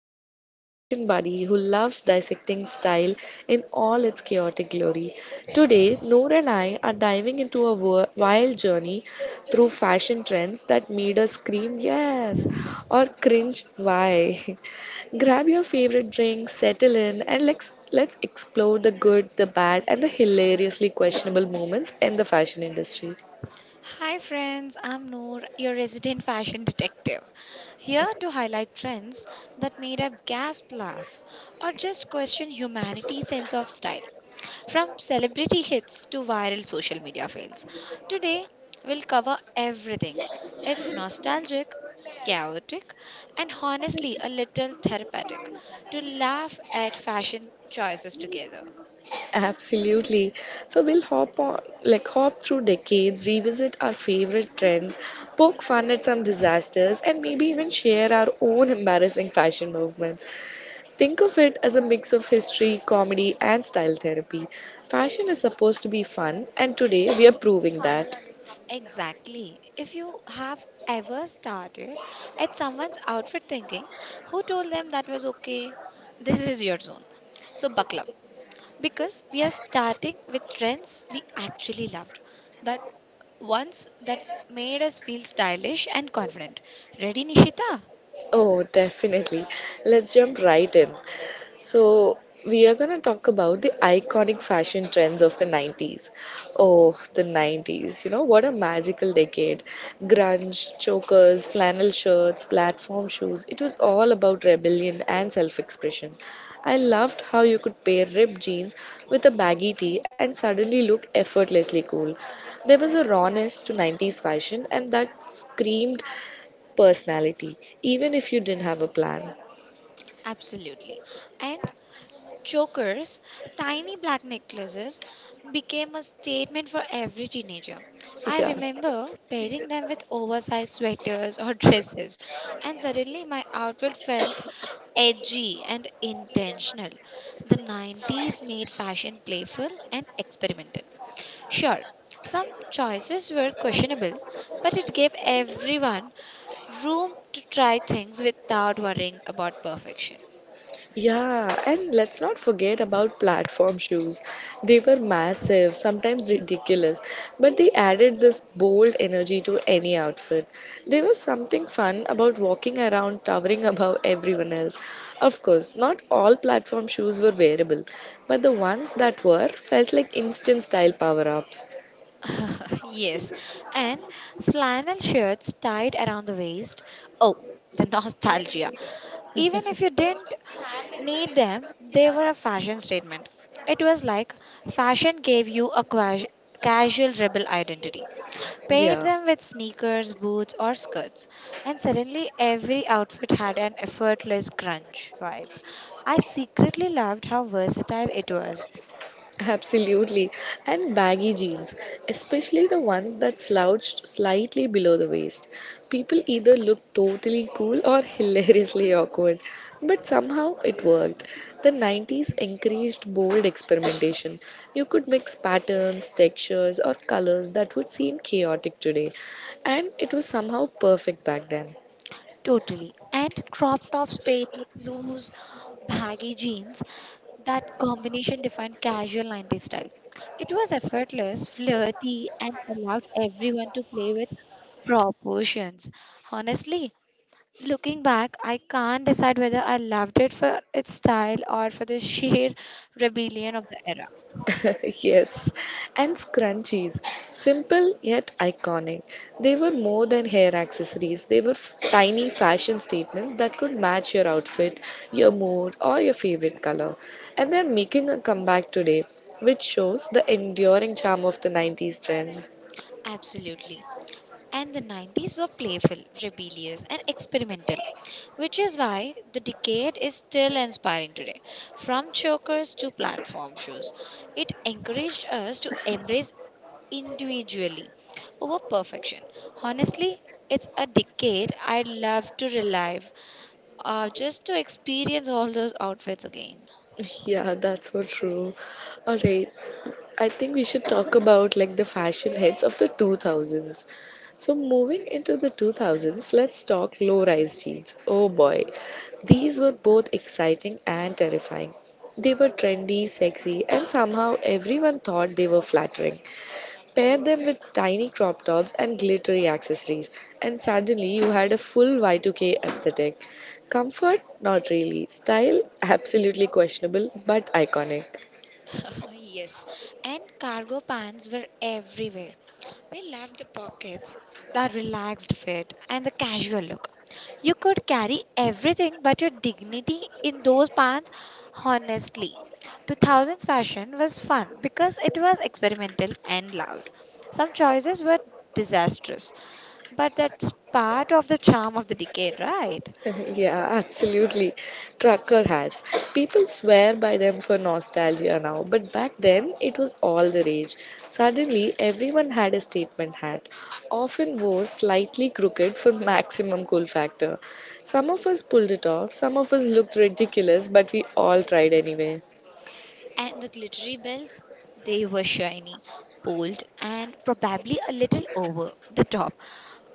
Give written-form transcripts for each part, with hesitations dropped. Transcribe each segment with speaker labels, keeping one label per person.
Speaker 1: Nishita, your fashion buddy who loves dissecting style in all its chaotic glory. Today, Noor and I are diving into a wild journey through fashion trends that made us scream yes or cringe why. Grab your favorite drink, settle in, and let's explore the good, the bad, and the hilariously questionable moments in the fashion industry.
Speaker 2: Hi, friends. I'm Noor, your resident fashion detective, here to highlight trends that made us gasp, laugh, or just question humanity's sense of style, from celebrity hits to viral social media fails. Today, we'll cover everything. It's nostalgic, chaotic, and honestly a little therapeutic to laugh at fashion choices together.
Speaker 1: Absolutely. So we'll hop on, like hop through decades, revisit our favorite trends, poke fun at some disasters, and maybe even share our own embarrassing fashion movements. Think of it as a mix of history, comedy, and style therapy. Fashion is supposed to be fun, and today we are proving that.
Speaker 2: Exactly. If you have ever started at someone's outfit thinking, who told them that was okay? This is your zone. So buckle up. Because we are starting with trends we actually loved. That that made us feel stylish and confident. Ready, Nishita?
Speaker 1: Oh, definitely. Let's jump right in. So, we are going to talk about the iconic fashion trends of the 90s. Oh, the 90s. You know, what a magical decade. Grunge, chokers, flannel shirts, platform shoes. It was all about rebellion and self expression. I loved how you could pair ripped jeans with a baggy tee and suddenly look effortlessly cool. There was a rawness to 90s fashion and that screamed personality, even if you didn't have a plan.
Speaker 2: Absolutely. And chokers, tiny black necklaces, became a statement for every teenager. I
Speaker 1: Yeah.
Speaker 2: remember pairing them with oversized sweaters or dresses, and suddenly my outfit felt edgy and intentional. The 90s made fashion playful and experimental. Sure, some choices were questionable, but it gave everyone room to try things without worrying about perfection.
Speaker 1: Yeah, and let's not forget about platform shoes. They were massive, sometimes ridiculous, but they added this bold energy to any outfit. There was something fun about walking around towering above everyone else. Of course, not all platform shoes were wearable, but the ones that were felt like instant style power ups.
Speaker 2: Yes, and flannel shirts tied around the waist. Oh, the nostalgia. Even if you didn't need them, they were a fashion statement. It was like fashion gave you a casual rebel identity. Paired
Speaker 1: Yeah.
Speaker 2: them with sneakers, boots, or skirts, and suddenly every outfit had an effortless grunge vibe. I secretly loved how versatile it was.
Speaker 1: Absolutely. And baggy jeans, especially the ones that slouched slightly below the waist. People either looked totally cool or hilariously awkward, but somehow it worked. The 90s encouraged bold experimentation. You could mix patterns, textures, or colors that would seem chaotic today, and it was somehow perfect back then.
Speaker 2: Totally. And crop tops paired with loose baggy jeans, that combination defined casual 90s style. It was effortless, flirty, and allowed everyone to play with proportions. Honestly, looking back, I can't decide whether I loved it for its style or for the sheer rebellion of the era.
Speaker 1: Yes, and scrunchies. Simple yet iconic. They were more than hair accessories, they were tiny fashion statements that could match your outfit, your mood, or your favorite color. And they're making a comeback today, which shows the enduring charm of the 90s trends.
Speaker 2: Absolutely. And the 90s were playful, rebellious, and experimental, which is why the decade is still inspiring today. From chokers to platform shoes, it encouraged us to embrace individually over perfection. Honestly, it's a decade I'd love to relive just to experience all those outfits again.
Speaker 1: Yeah, that's so true. All right. I think we should talk about like the fashion heads of the 2000s. So moving into the 2000s, let's talk low-rise jeans. Oh boy. These were both exciting and terrifying. They were trendy, sexy, and somehow everyone thought they were flattering. Pair them with tiny crop tops and glittery accessories, and suddenly you had a full Y2K aesthetic. Comfort? Not really. Style? Absolutely questionable, but iconic.
Speaker 2: Yes, and cargo pants were everywhere. We loved the pockets, the relaxed fit, and the casual look. You could carry everything but your dignity in those pants, honestly. 2000s fashion was fun because it was experimental and loud. Some choices were disastrous, but that's part of the charm of the decade, right?
Speaker 1: Yeah, absolutely. Trucker hats. People swear by them for nostalgia now, but back then it was all the rage. Suddenly, everyone had a statement hat, often wore slightly crooked for maximum cool factor. Some of us pulled it off, some of us looked ridiculous, but we all tried anyway.
Speaker 2: And the glittery bells, they were shiny, bold, and probably a little over the top.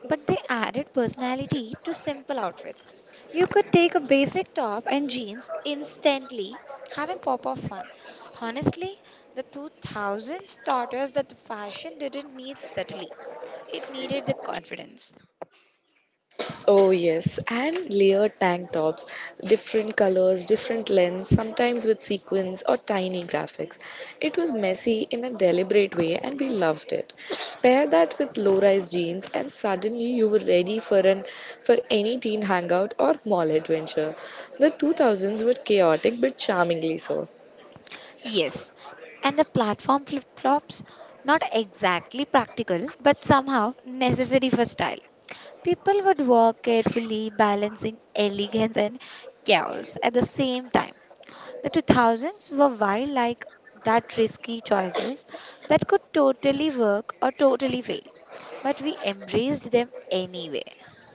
Speaker 2: But they added personality to simple outfits. You could take a basic top and jeans instantly, have a pop of fun. Honestly, the 2000s taught us that the fashion didn't need subtlety, it needed the confidence.
Speaker 1: Oh, yes, and layered tank tops, different colors, different lengths, sometimes with sequins or tiny graphics. It was messy in a deliberate way, and we loved it. Pair that with low rise jeans, and suddenly you were ready for any teen hangout or mall adventure. The 2000s were chaotic but charmingly so.
Speaker 2: Yes, and the platform flip flops, not exactly practical, but somehow necessary for style. People would walk carefully, balancing elegance and chaos at the same time. The 2000s were wild like that risky choices that could totally work or totally fail, but we embraced them anyway.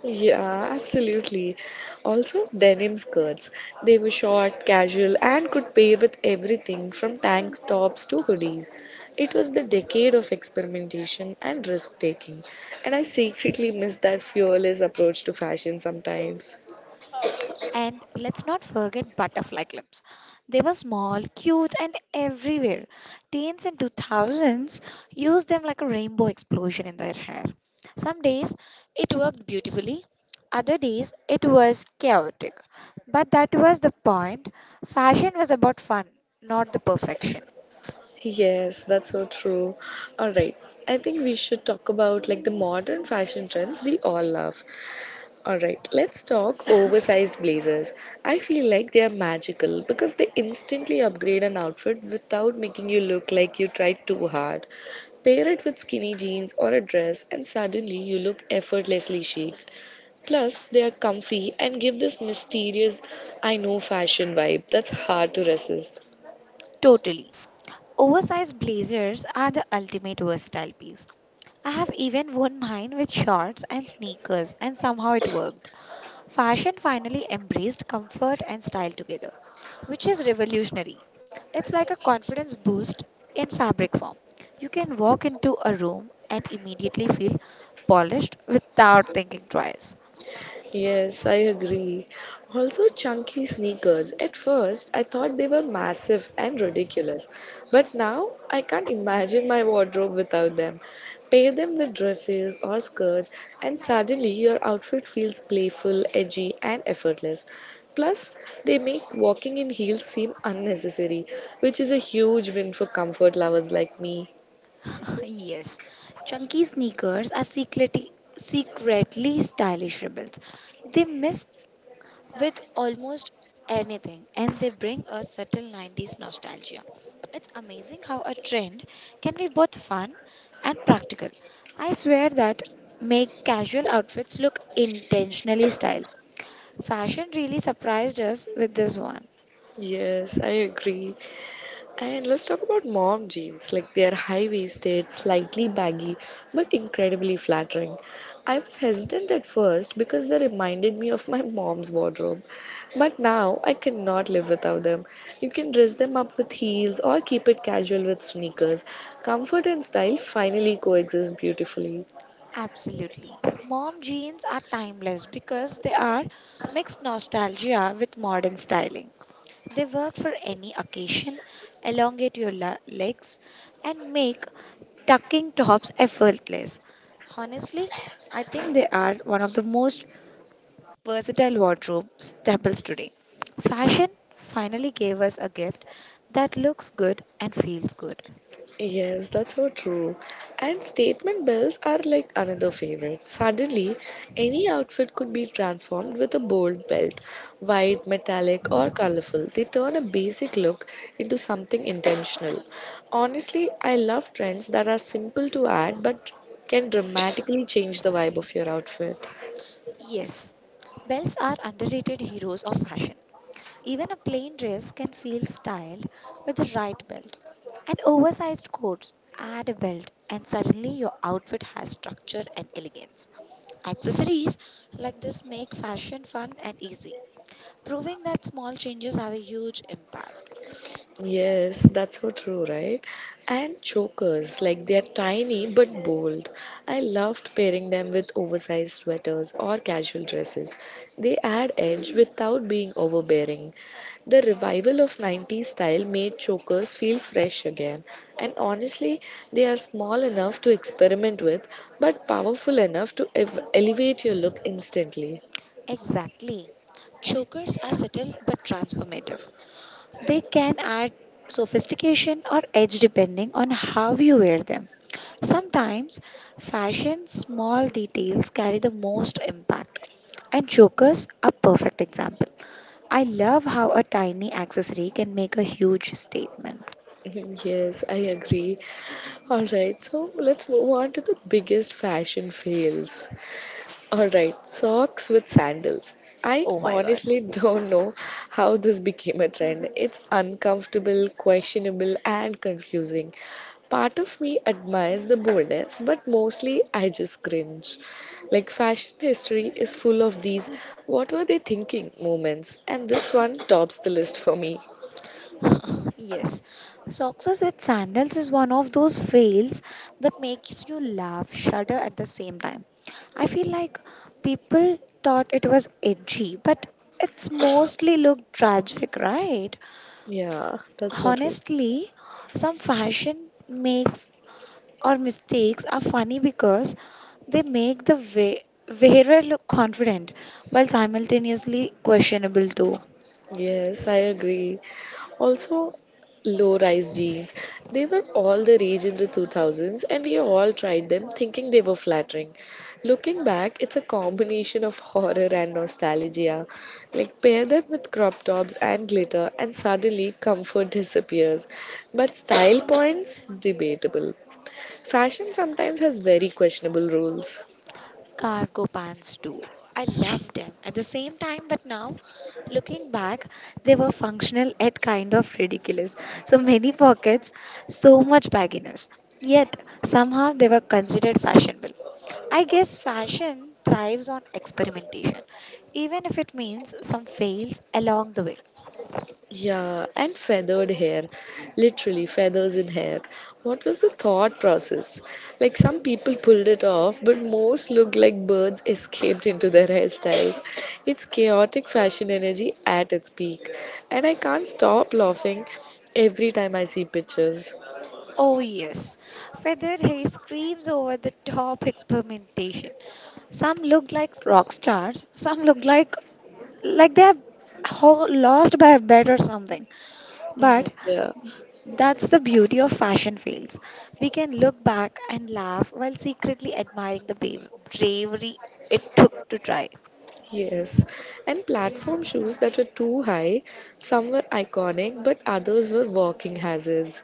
Speaker 1: Yeah, absolutely. Also, denim skirts. They were short, casual, and could pair with everything from tank tops to hoodies. It was the decade of experimentation and risk taking. And I secretly miss that fearless approach to fashion sometimes.
Speaker 2: And let's not forget butterfly clips. They were small, cute, and everywhere. Teens in 2000s used them like a rainbow explosion in their hair. Some days it worked beautifully, other days it was chaotic. But that was the point. Fashion was about fun, not the perfection.
Speaker 1: Yes, that's so true. All right. I think we should talk about like the modern fashion trends we all love. Alright, let's talk oversized blazers. I feel like they are magical because they instantly upgrade an outfit without making you look like you tried too hard. Pair it with skinny jeans or a dress, and suddenly you look effortlessly chic. Plus, they are comfy and give this mysterious I know fashion vibe that's hard to resist.
Speaker 2: Totally. Oversized blazers are the ultimate versatile piece. I have even worn mine with shorts and sneakers, and somehow it worked. Fashion finally embraced comfort and style together, which is revolutionary. It's like a confidence boost in fabric form. You can walk into a room and immediately feel polished without thinking twice.
Speaker 1: Yes, I agree. Also, chunky sneakers. At first, I thought they were massive and ridiculous, but now I can't imagine my wardrobe without them. Pair them with dresses or skirts, and suddenly your outfit feels playful, edgy, and effortless. Plus, they make walking in heels seem unnecessary, which is a huge win for comfort lovers like me.
Speaker 2: Yes, chunky sneakers are secretly stylish rebels. They miss with almost anything and they bring us subtle 90s nostalgia. It's amazing how a trend can be both fun and practical. I swear that make casual outfits look intentionally styled. Fashion really surprised us with this one.
Speaker 1: Yes, I agree. And let's talk about mom jeans. Like they are high waisted, slightly baggy, but incredibly flattering. I was hesitant at first because they reminded me of my mom's wardrobe. But now I cannot live without them. You can dress them up with heels or keep it casual with sneakers. Comfort and style finally coexist beautifully.
Speaker 2: Absolutely. Mom jeans are timeless because they are mixed nostalgia with modern styling. They work for any occasion, elongate your legs, and make tucking tops effortless. Honestly, I think they are one of the most versatile wardrobe staples today. Fashion finally gave us a gift that looks good and feels good.
Speaker 1: Yes, that's so true. And statement bells are like another favorite. Suddenly, any outfit could be transformed with a bold belt, white, metallic, or colorful. They turn a basic look into something intentional. Honestly, I love trends that are simple to add but can dramatically change the vibe of your outfit.
Speaker 2: Yes, bells are underrated heroes of fashion. Even a plain dress can feel styled with the right belt. An oversized coat, add a belt, and suddenly your outfit has structure and elegance. Accessories like this make fashion fun and easy, proving that small changes have a huge impact.
Speaker 1: Yes, that's so true, right? And chokers, like they're tiny but bold. I loved pairing them with oversized sweaters or casual dresses. They add edge without being overbearing. The revival of 90s style made chokers feel fresh again. And honestly, they are small enough to experiment with, but powerful enough to elevate your look instantly.
Speaker 2: Exactly. Chokers are subtle but transformative. They can add sophistication or edge depending on how you wear them. Sometimes, fashion's small details carry the most impact. And chokers are perfect example. I love how a tiny accessory can make a huge statement.
Speaker 1: Yes, I agree. Alright, so let's move on to the biggest fashion fails. Alright, socks with sandals. I
Speaker 2: Oh my god.
Speaker 1: honestly don't know how this became a trend. It's uncomfortable, questionable, and confusing. Part of me admires the boldness, but mostly I just cringe. Like, fashion history is full of these what were they thinking moments, and this one tops the list for me.
Speaker 2: Yes, success with sandals is one of those fails that makes you laugh, shudder at the same time. I feel like people thought it was edgy, but it's mostly looked tragic, right?
Speaker 1: Yeah, that's so true.
Speaker 2: Honestly, some fashion makes or mistakes are funny because they make the wearer look confident while simultaneously questionable too.
Speaker 1: Yes, I agree. Also, low rise jeans. They were all the rage in the 2000s, and we all tried them thinking they were flattering. Looking back, it's a combination of horror and nostalgia. Like, pair them with crop tops and glitter, and suddenly comfort disappears. But style points, debatable. Fashion sometimes has very questionable rules.
Speaker 2: Cargo pants too. I loved them at the same time, but now looking back, they were functional yet kind of ridiculous. So many pockets, so much bagginess. Yet somehow they were considered fashionable. I guess fashion thrives on experimentation, even if it means some fails along the way.
Speaker 1: Yeah, and feathered hair, literally feathers in hair. What was the thought process? Like some people pulled it off, but most looked like birds escaped into their hairstyles. It's chaotic fashion energy at its peak, and I can't stop laughing every time I see pictures.
Speaker 2: Oh, yes, feathered hair screams over the top experimentation. Some look like rock stars, some look like they have lost by a bet or something, but
Speaker 1: Mhm, yeah.
Speaker 2: that's the beauty of fashion fails. We can look back and laugh while secretly admiring the bravery it took to try.
Speaker 1: Yes, and platform shoes that were too high, some were iconic, but others were walking hazards.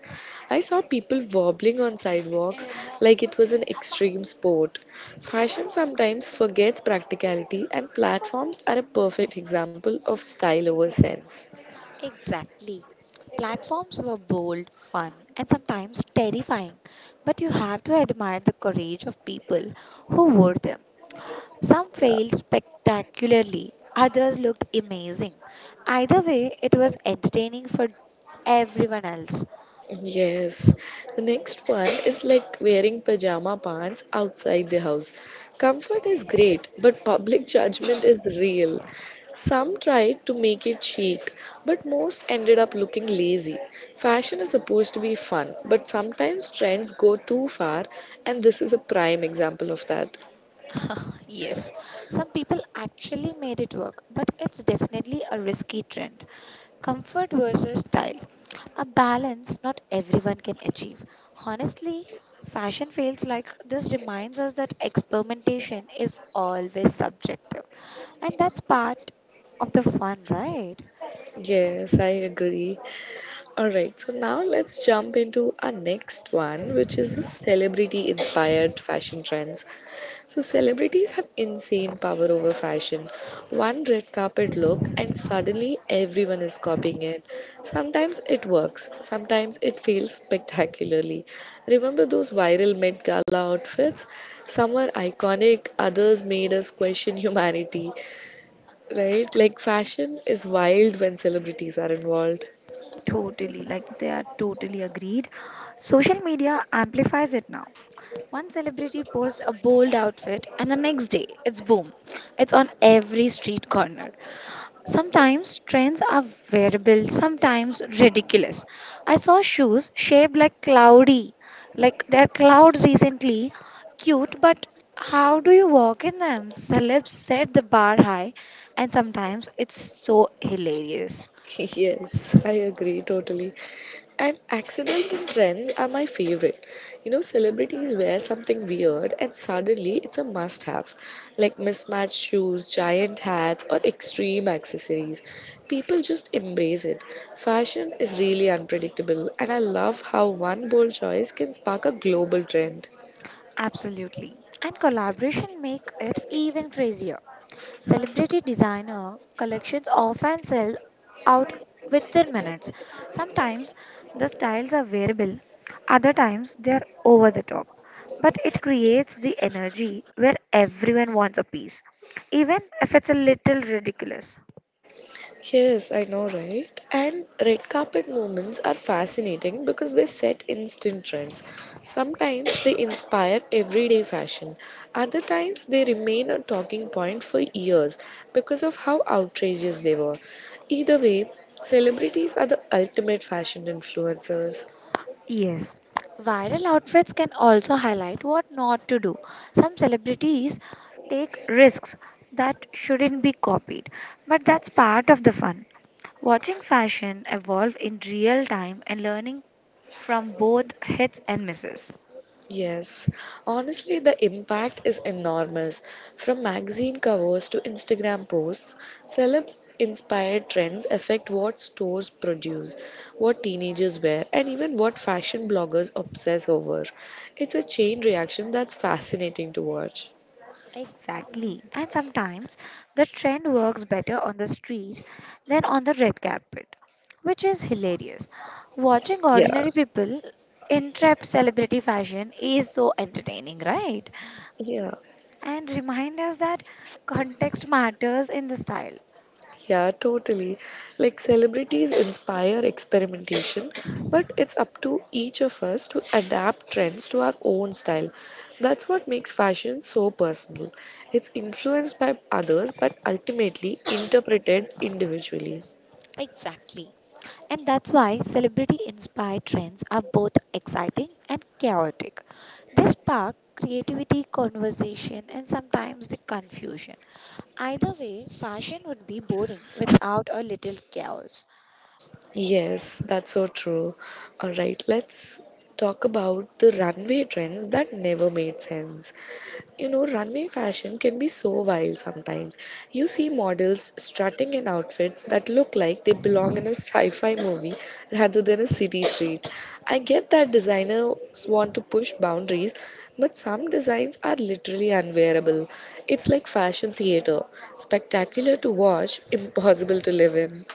Speaker 1: I saw people wobbling on sidewalks like it was an extreme sport. Fashion sometimes forgets practicality, and platforms are a perfect example of style over sense.
Speaker 2: Exactly. Platforms were bold, fun, and sometimes terrifying, but you have to admire the courage of people who wore them. Some failed spectacularly, others looked amazing. Either way, it was entertaining for everyone else.
Speaker 1: Yes. The next one is like wearing pajama pants outside the house. Comfort is great, but public judgment is real. Some tried to make it chic, but most ended up looking lazy. Fashion is supposed to be fun, but sometimes trends go too far, and this is a prime example of that.
Speaker 2: Yes, some people actually made it work, but it's definitely a risky trend. Comfort versus style, a balance not everyone can achieve. Honestly, fashion feels like this reminds us that experimentation is always subjective, and that's part of the fun, right?
Speaker 1: Yes, I agree. All right, so now let's jump into our next one, which is the celebrity inspired fashion trends. So celebrities have insane power over fashion. One red carpet look and suddenly everyone is copying it. Sometimes it works, sometimes it fails spectacularly. Remember those viral Met Gala outfits? Some were iconic, others made us question humanity, right? Like fashion is wild when celebrities are involved.
Speaker 2: Totally, like they are totally agreed. Social media amplifies it now. One celebrity posts a bold outfit, and the next day it's boom. It's on every street corner. Sometimes trends are wearable, sometimes ridiculous. I saw shoes shaped like cloudy, like they're clouds recently. Cute, but how do you walk in them? Celebs set the bar high, and sometimes it's so hilarious.
Speaker 1: Yes, I agree totally. And accidental trends are my favorite. You know, celebrities wear something weird and suddenly it's a must have, like mismatched shoes, giant hats, or extreme accessories. People just embrace it. Fashion is really unpredictable, and I love how one bold choice can spark a global trend.
Speaker 2: Absolutely. And collaboration make it even crazier. Celebrity designer collections often sell out within minutes. Sometimes the styles are wearable, other times they are over the top. But it creates the energy where everyone wants a piece, even if it's a little ridiculous.
Speaker 1: Yes, I know, right? And red carpet movements are fascinating because they set instant trends. Sometimes they inspire everyday fashion, other times they remain a talking point for years because of how outrageous they were. Either way, celebrities are the ultimate fashion influencers.
Speaker 2: Yes, viral outfits can also highlight what not to do. Some celebrities take risks that shouldn't be copied, but that's part of the fun. Watching fashion evolve in real time and learning from both hits and misses.
Speaker 1: Yes, honestly, the impact is enormous. From magazine covers to Instagram posts, celebs inspired trends affect what stores produce, what teenagers wear, and even what fashion bloggers obsess over. It's a chain reaction that's fascinating to watch.
Speaker 2: Exactly. And sometimes the trend works better on the street than on the red carpet, which is hilarious. Watching
Speaker 1: Yeah.
Speaker 2: ordinary people interrupt celebrity fashion is so entertaining, right?
Speaker 1: Yeah.
Speaker 2: And remind us that context matters in the style.
Speaker 1: Yeah, totally. Like celebrities inspire experimentation, but it's up to each of us to adapt trends to our own style. That's what makes fashion so personal. It's influenced by others, but ultimately interpreted individually.
Speaker 2: Exactly. And that's why celebrity inspired trends are both exciting and chaotic. They spark creativity, conversation, and sometimes the confusion. Either way, fashion would be boring without a little chaos.
Speaker 1: Yes, that's so true. All right, let's talk about the runway trends that never made sense. You know, runway fashion can be so wild sometimes. You see models strutting in outfits that look like they belong in a sci fi movie rather than a city street. I get that designers want to push boundaries, but some designs are literally unwearable. It's like fashion theater spectacular to watch, impossible to live in.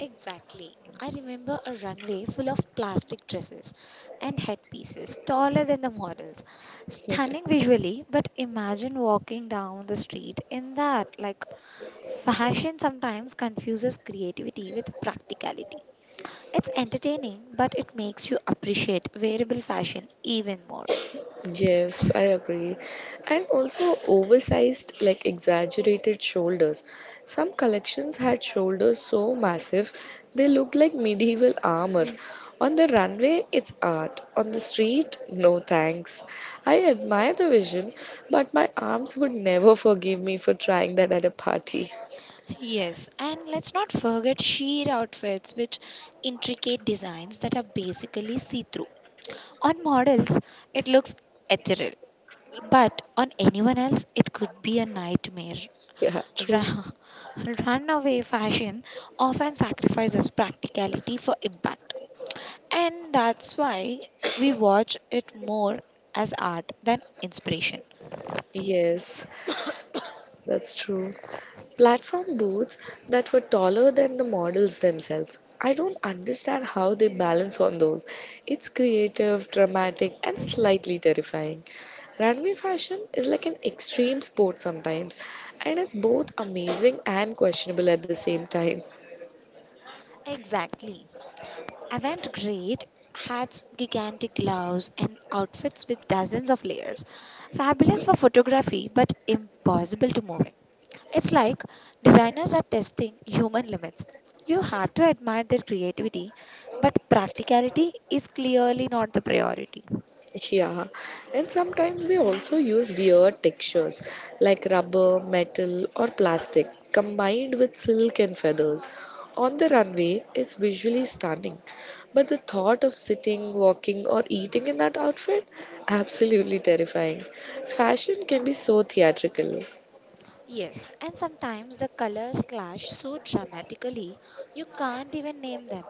Speaker 2: Exactly. I remember a runway full of plastic dresses and headpieces taller than the models. Stunning visually, but imagine walking down the street in that. Like, fashion sometimes confuses creativity with practicality. It's entertaining, but it makes you appreciate wearable fashion even more.
Speaker 1: Yes, I agree. And also oversized, like exaggerated shoulders. Some collections had shoulders so massive they looked like medieval armor. On the runway, it's art. On the street, no thanks. I admire the vision, but my arms would never forgive me for trying that at a party.
Speaker 2: Yes, and let's not forget sheer outfits, with intricate designs that are basically see through. On models, it looks ethereal, but on anyone else, it could be a nightmare.
Speaker 1: Yeah, true.
Speaker 2: Ra- Runaway fashion often sacrifices practicality for impact, and that's why we watch it more as art than inspiration.
Speaker 1: Yes, that's true. Platform boats that were taller than the models themselves. I don't understand how they balance on those. It's creative, dramatic, and slightly terrifying. Runway fashion is like an extreme sport sometimes, and it's both amazing and questionable at the same time.
Speaker 2: Exactly. Avant garde hats, gigantic gloves, and outfits with dozens of layers. Fabulous for photography, but impossible to move in. It's like designers are testing human limits. You have to admire their creativity, but practicality is clearly not the priority.
Speaker 1: Yeah, and sometimes they also use weird textures like rubber, metal, or plastic combined with silk and feathers. On the runway, it's visually stunning, but the thought of sitting, walking, or eating in that outfit absolutely terrifying. Fashion can be so theatrical.
Speaker 2: Yes, and sometimes the colors clash so dramatically you can't even name them.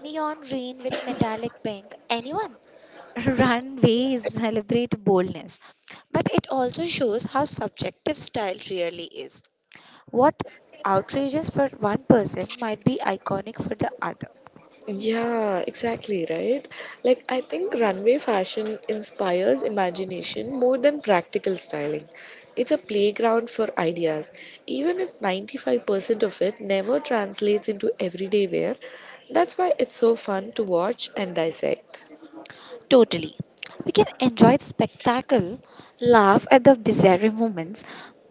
Speaker 2: Neon green with metallic pink, anyone? Runways celebrate boldness, but it also shows how subjective style really is. What outrageous for one person might be iconic for the other.
Speaker 1: Yeah, exactly, right? Like, I think runway fashion inspires imagination more than practical styling. It's a playground for ideas. Even if 95% of it never translates into everyday wear, that's why it's so fun to watch and dissect.
Speaker 2: Totally. We can enjoy the spectacle, laugh at the bizarre moments,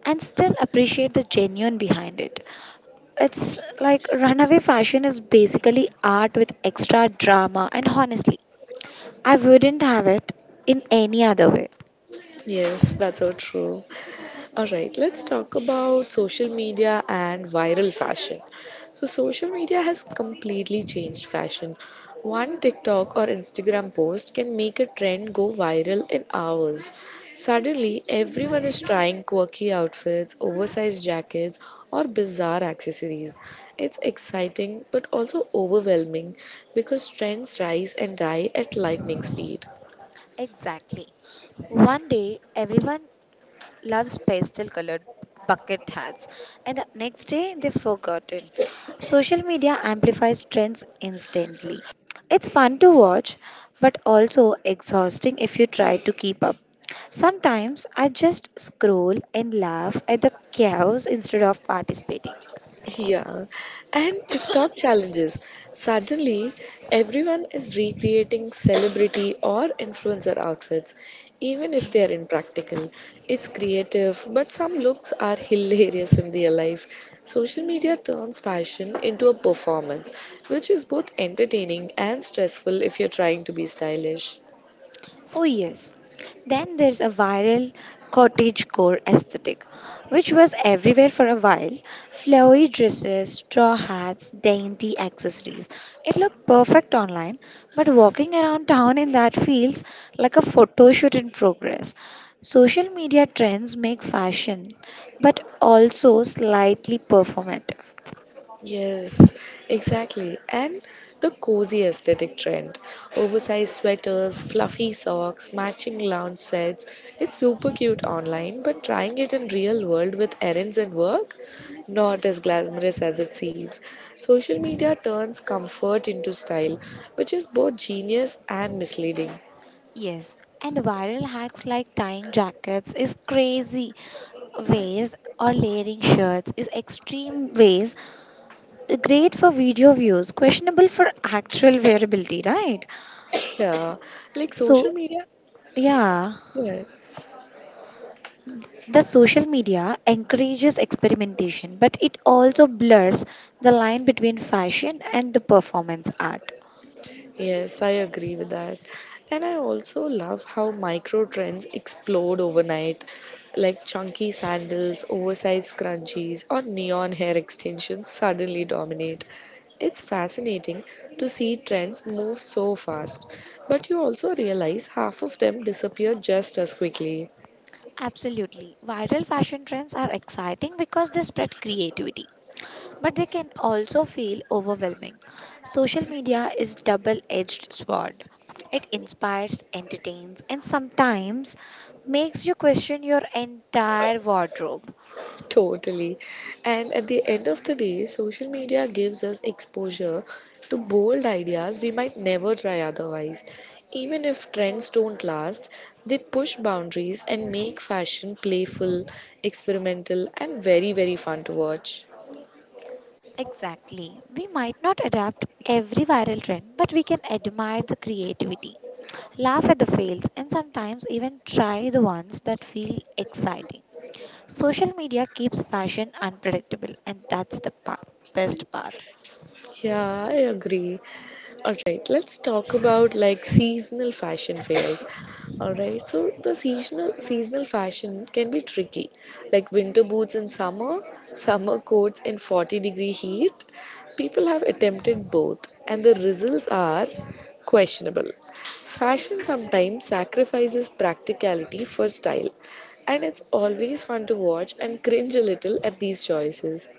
Speaker 2: and still appreciate the genuine behind it. It's like runaway fashion is basically art with extra drama, and honestly, I wouldn't have it in any other way.
Speaker 1: Yes, that's so true. Alright, let's talk about social media and viral fashion. So, social media has completely changed fashion. One TikTok or Instagram post can make a trend go viral in hours. Suddenly, everyone is trying quirky outfits, oversized jackets, or bizarre accessories. It's exciting but also overwhelming because trends rise and die at lightning speed.
Speaker 2: Exactly. One day, everyone loves pastel colored bucket hats, and the next day, they've forgotten. Social media amplifies trends instantly. It's fun to watch, but also exhausting if you try to keep up. Sometimes I just scroll and laugh at the chaos instead of participating.
Speaker 1: Yeah, and TikTok challenges. Suddenly, everyone is recreating celebrity or influencer outfits, even if they are impractical. It's creative, but some looks are hilarious in real life. Social media turns fashion into a performance, which is both entertaining and stressful if you're trying to be stylish.
Speaker 2: Oh, yes. Then there's a viral cottagecore aesthetic, which was everywhere for a while. Flowy dresses, straw hats, dainty accessories. It looked perfect online, but walking around town in that feels like a photo shoot in progress. Social media trends make fashion, but also slightly performative.
Speaker 1: Yes, exactly. And the cozy aesthetic trend. Oversized sweaters, fluffy socks, matching lounge sets. It's super cute online, but trying it in real world with errands and work, not as glamorous as it seems. Social media turns comfort into style, which is both genius and misleading.
Speaker 2: Yes, and viral hacks like tying jackets is crazy ways or layering shirts is extreme ways, great for video views, questionable for actual wearability, right?
Speaker 1: Yeah, like
Speaker 2: So
Speaker 1: social media.
Speaker 2: yeah,
Speaker 1: Yeah.
Speaker 2: the social media encourages experimentation, but it also blurs the line between fashion and the performance art.
Speaker 1: Yes, I agree with that. And I also love how micro trends explode overnight, like chunky sandals, oversized scrunchies, or neon hair extensions suddenly dominate. It's fascinating to see trends move so fast, but you also realize half of them disappear just as quickly.
Speaker 2: Absolutely, viral fashion trends are exciting because they spread creativity, but they can also feel overwhelming. Social media is double-edged sword. It inspires, entertains, and sometimes makes you question your entire wardrobe.
Speaker 1: Totally. And at the end of the day, social media gives us exposure to bold ideas we might never try otherwise. Even if trends don't last, they push boundaries and make fashion playful, experimental, and very, very fun to watch.
Speaker 2: Exactly. We might not adapt every viral trend, but we can admire the creativity, laugh at the fails, and sometimes even try the ones that feel exciting. Social media keeps fashion unpredictable, and that's the part, best part.
Speaker 1: Yeah, I agree. All right, let's talk about like seasonal fashion fails. All right, so the seasonal fashion can be tricky, like winter boots in summer, summer coats in 40-degree heat. People have attempted both, and the results are questionable. Fashion sometimes sacrifices practicality for style, and it's always fun to watch and cringe a little at these choices.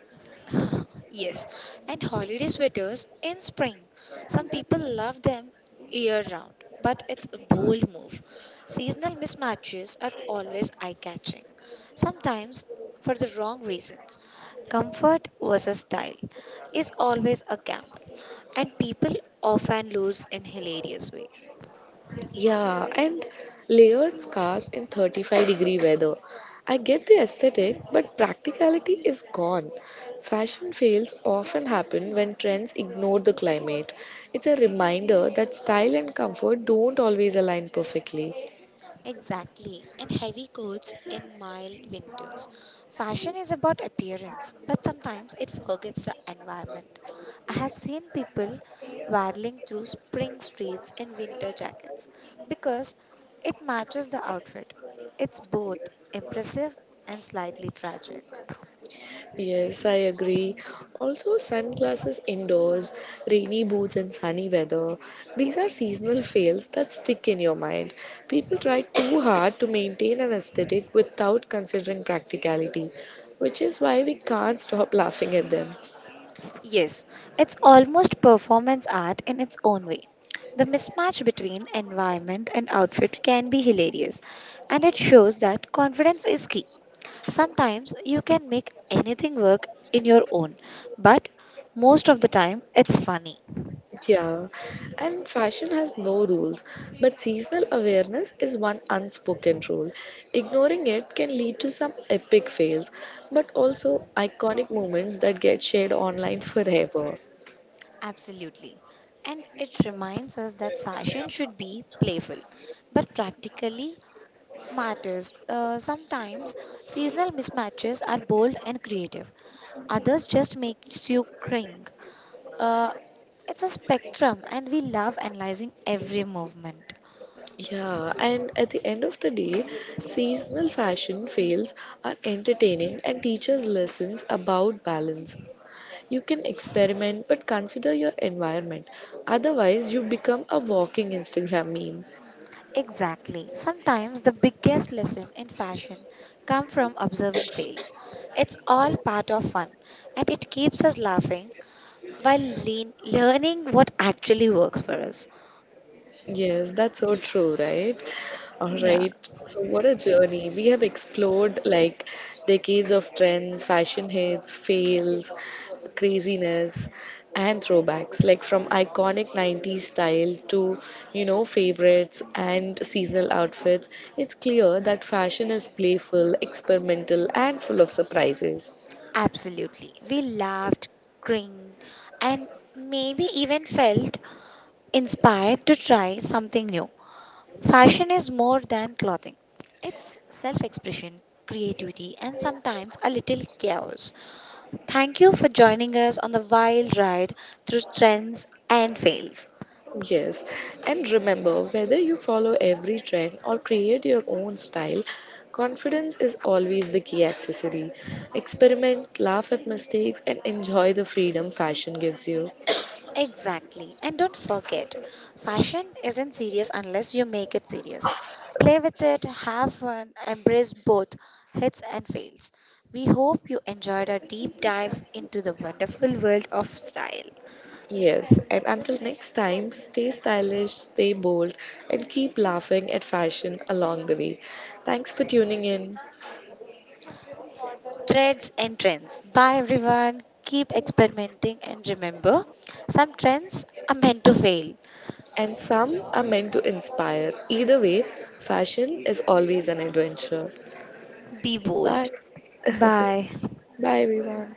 Speaker 2: Yes, and holiday sweaters in spring. Some people love them year round, but it's a bold move. Seasonal mismatches are always eye catching, sometimes for the wrong reasons. Comfort versus style is always a gamble, and people often lose in hilarious ways.
Speaker 1: Yeah, and layered scarves in 35-degree weather. I get the aesthetic, but practicality is gone. Fashion fails often happen when trends ignore the climate. It's a reminder that style and comfort don't always align perfectly.
Speaker 2: Exactly. And heavy coats in mild winters. Fashion is about appearance, but sometimes it forgets the environment. I have seen people waddling through spring streets in winter jackets because it matches the outfit. It's both impressive and slightly tragic.
Speaker 1: Yes, I agree. Also, sunglasses indoors, rainy boots, and sunny weather. These are seasonal fails that stick in your mind. People try too hard to maintain an aesthetic without considering practicality, which is why we can't stop laughing at them.
Speaker 2: Yes, it's almost performance art in its own way. The mismatch between environment and outfit can be hilarious, and it shows that confidence is key. Sometimes you can make anything work in your own, but most of the time it's funny.
Speaker 1: Yeah, and fashion has no rules, but seasonal awareness is one unspoken rule. Ignoring it can lead to some epic fails, but also iconic moments that get shared online forever.
Speaker 2: Absolutely. And it reminds us that fashion should be playful, but practically matters. Sometimes seasonal mismatches are bold and creative. Others just makes you cringe. Uh, it's a spectrum, and we love analyzing every movement.
Speaker 1: Yeah, and at the end of the day, seasonal fashion fails are entertaining and teaches lessons about balance. You can experiment, but consider your environment. Otherwise, you become a walking Instagram meme.
Speaker 2: Exactly. Sometimes the biggest lesson in fashion come from observing fails. It's all part of fun and it keeps us laughing while learning what actually works for us.
Speaker 1: Yes, that's so true, right? All
Speaker 2: Yeah.
Speaker 1: right. So, what a journey. We have explored like decades of trends, fashion hits, fails, craziness, and throwbacks, like from iconic 90s style to, you know, favorites and seasonal outfits. It's clear that fashion is playful, experimental, and full of surprises.
Speaker 2: Absolutely. We laughed, cringed, and maybe even felt inspired to try something new. Fashion is more than clothing, it's self expression, creativity, and sometimes a little chaos. Thank you for joining us on the wild ride through trends and fails.
Speaker 1: Yes, and remember whether you follow every trend or create your own style, confidence is always the key accessory. Experiment, laugh at mistakes, and enjoy the freedom fashion gives you.
Speaker 2: Exactly. And don't forget, fashion isn't serious unless you make it serious. Play with it, have fun, embrace both hits and fails. We hope you enjoyed our deep dive into the wonderful world of style,
Speaker 1: Yes, and until next time, stay stylish, stay bold, and keep laughing at fashion along the way. Thanks for tuning in.
Speaker 2: threads, and trends. Bye, everyone. Keep experimenting and remember, some trends are meant to fail.
Speaker 1: And some are meant to inspire. Either way, fashion is always an adventure.
Speaker 2: Be
Speaker 1: Bye.
Speaker 2: bold. Bye.
Speaker 1: Bye, everyone.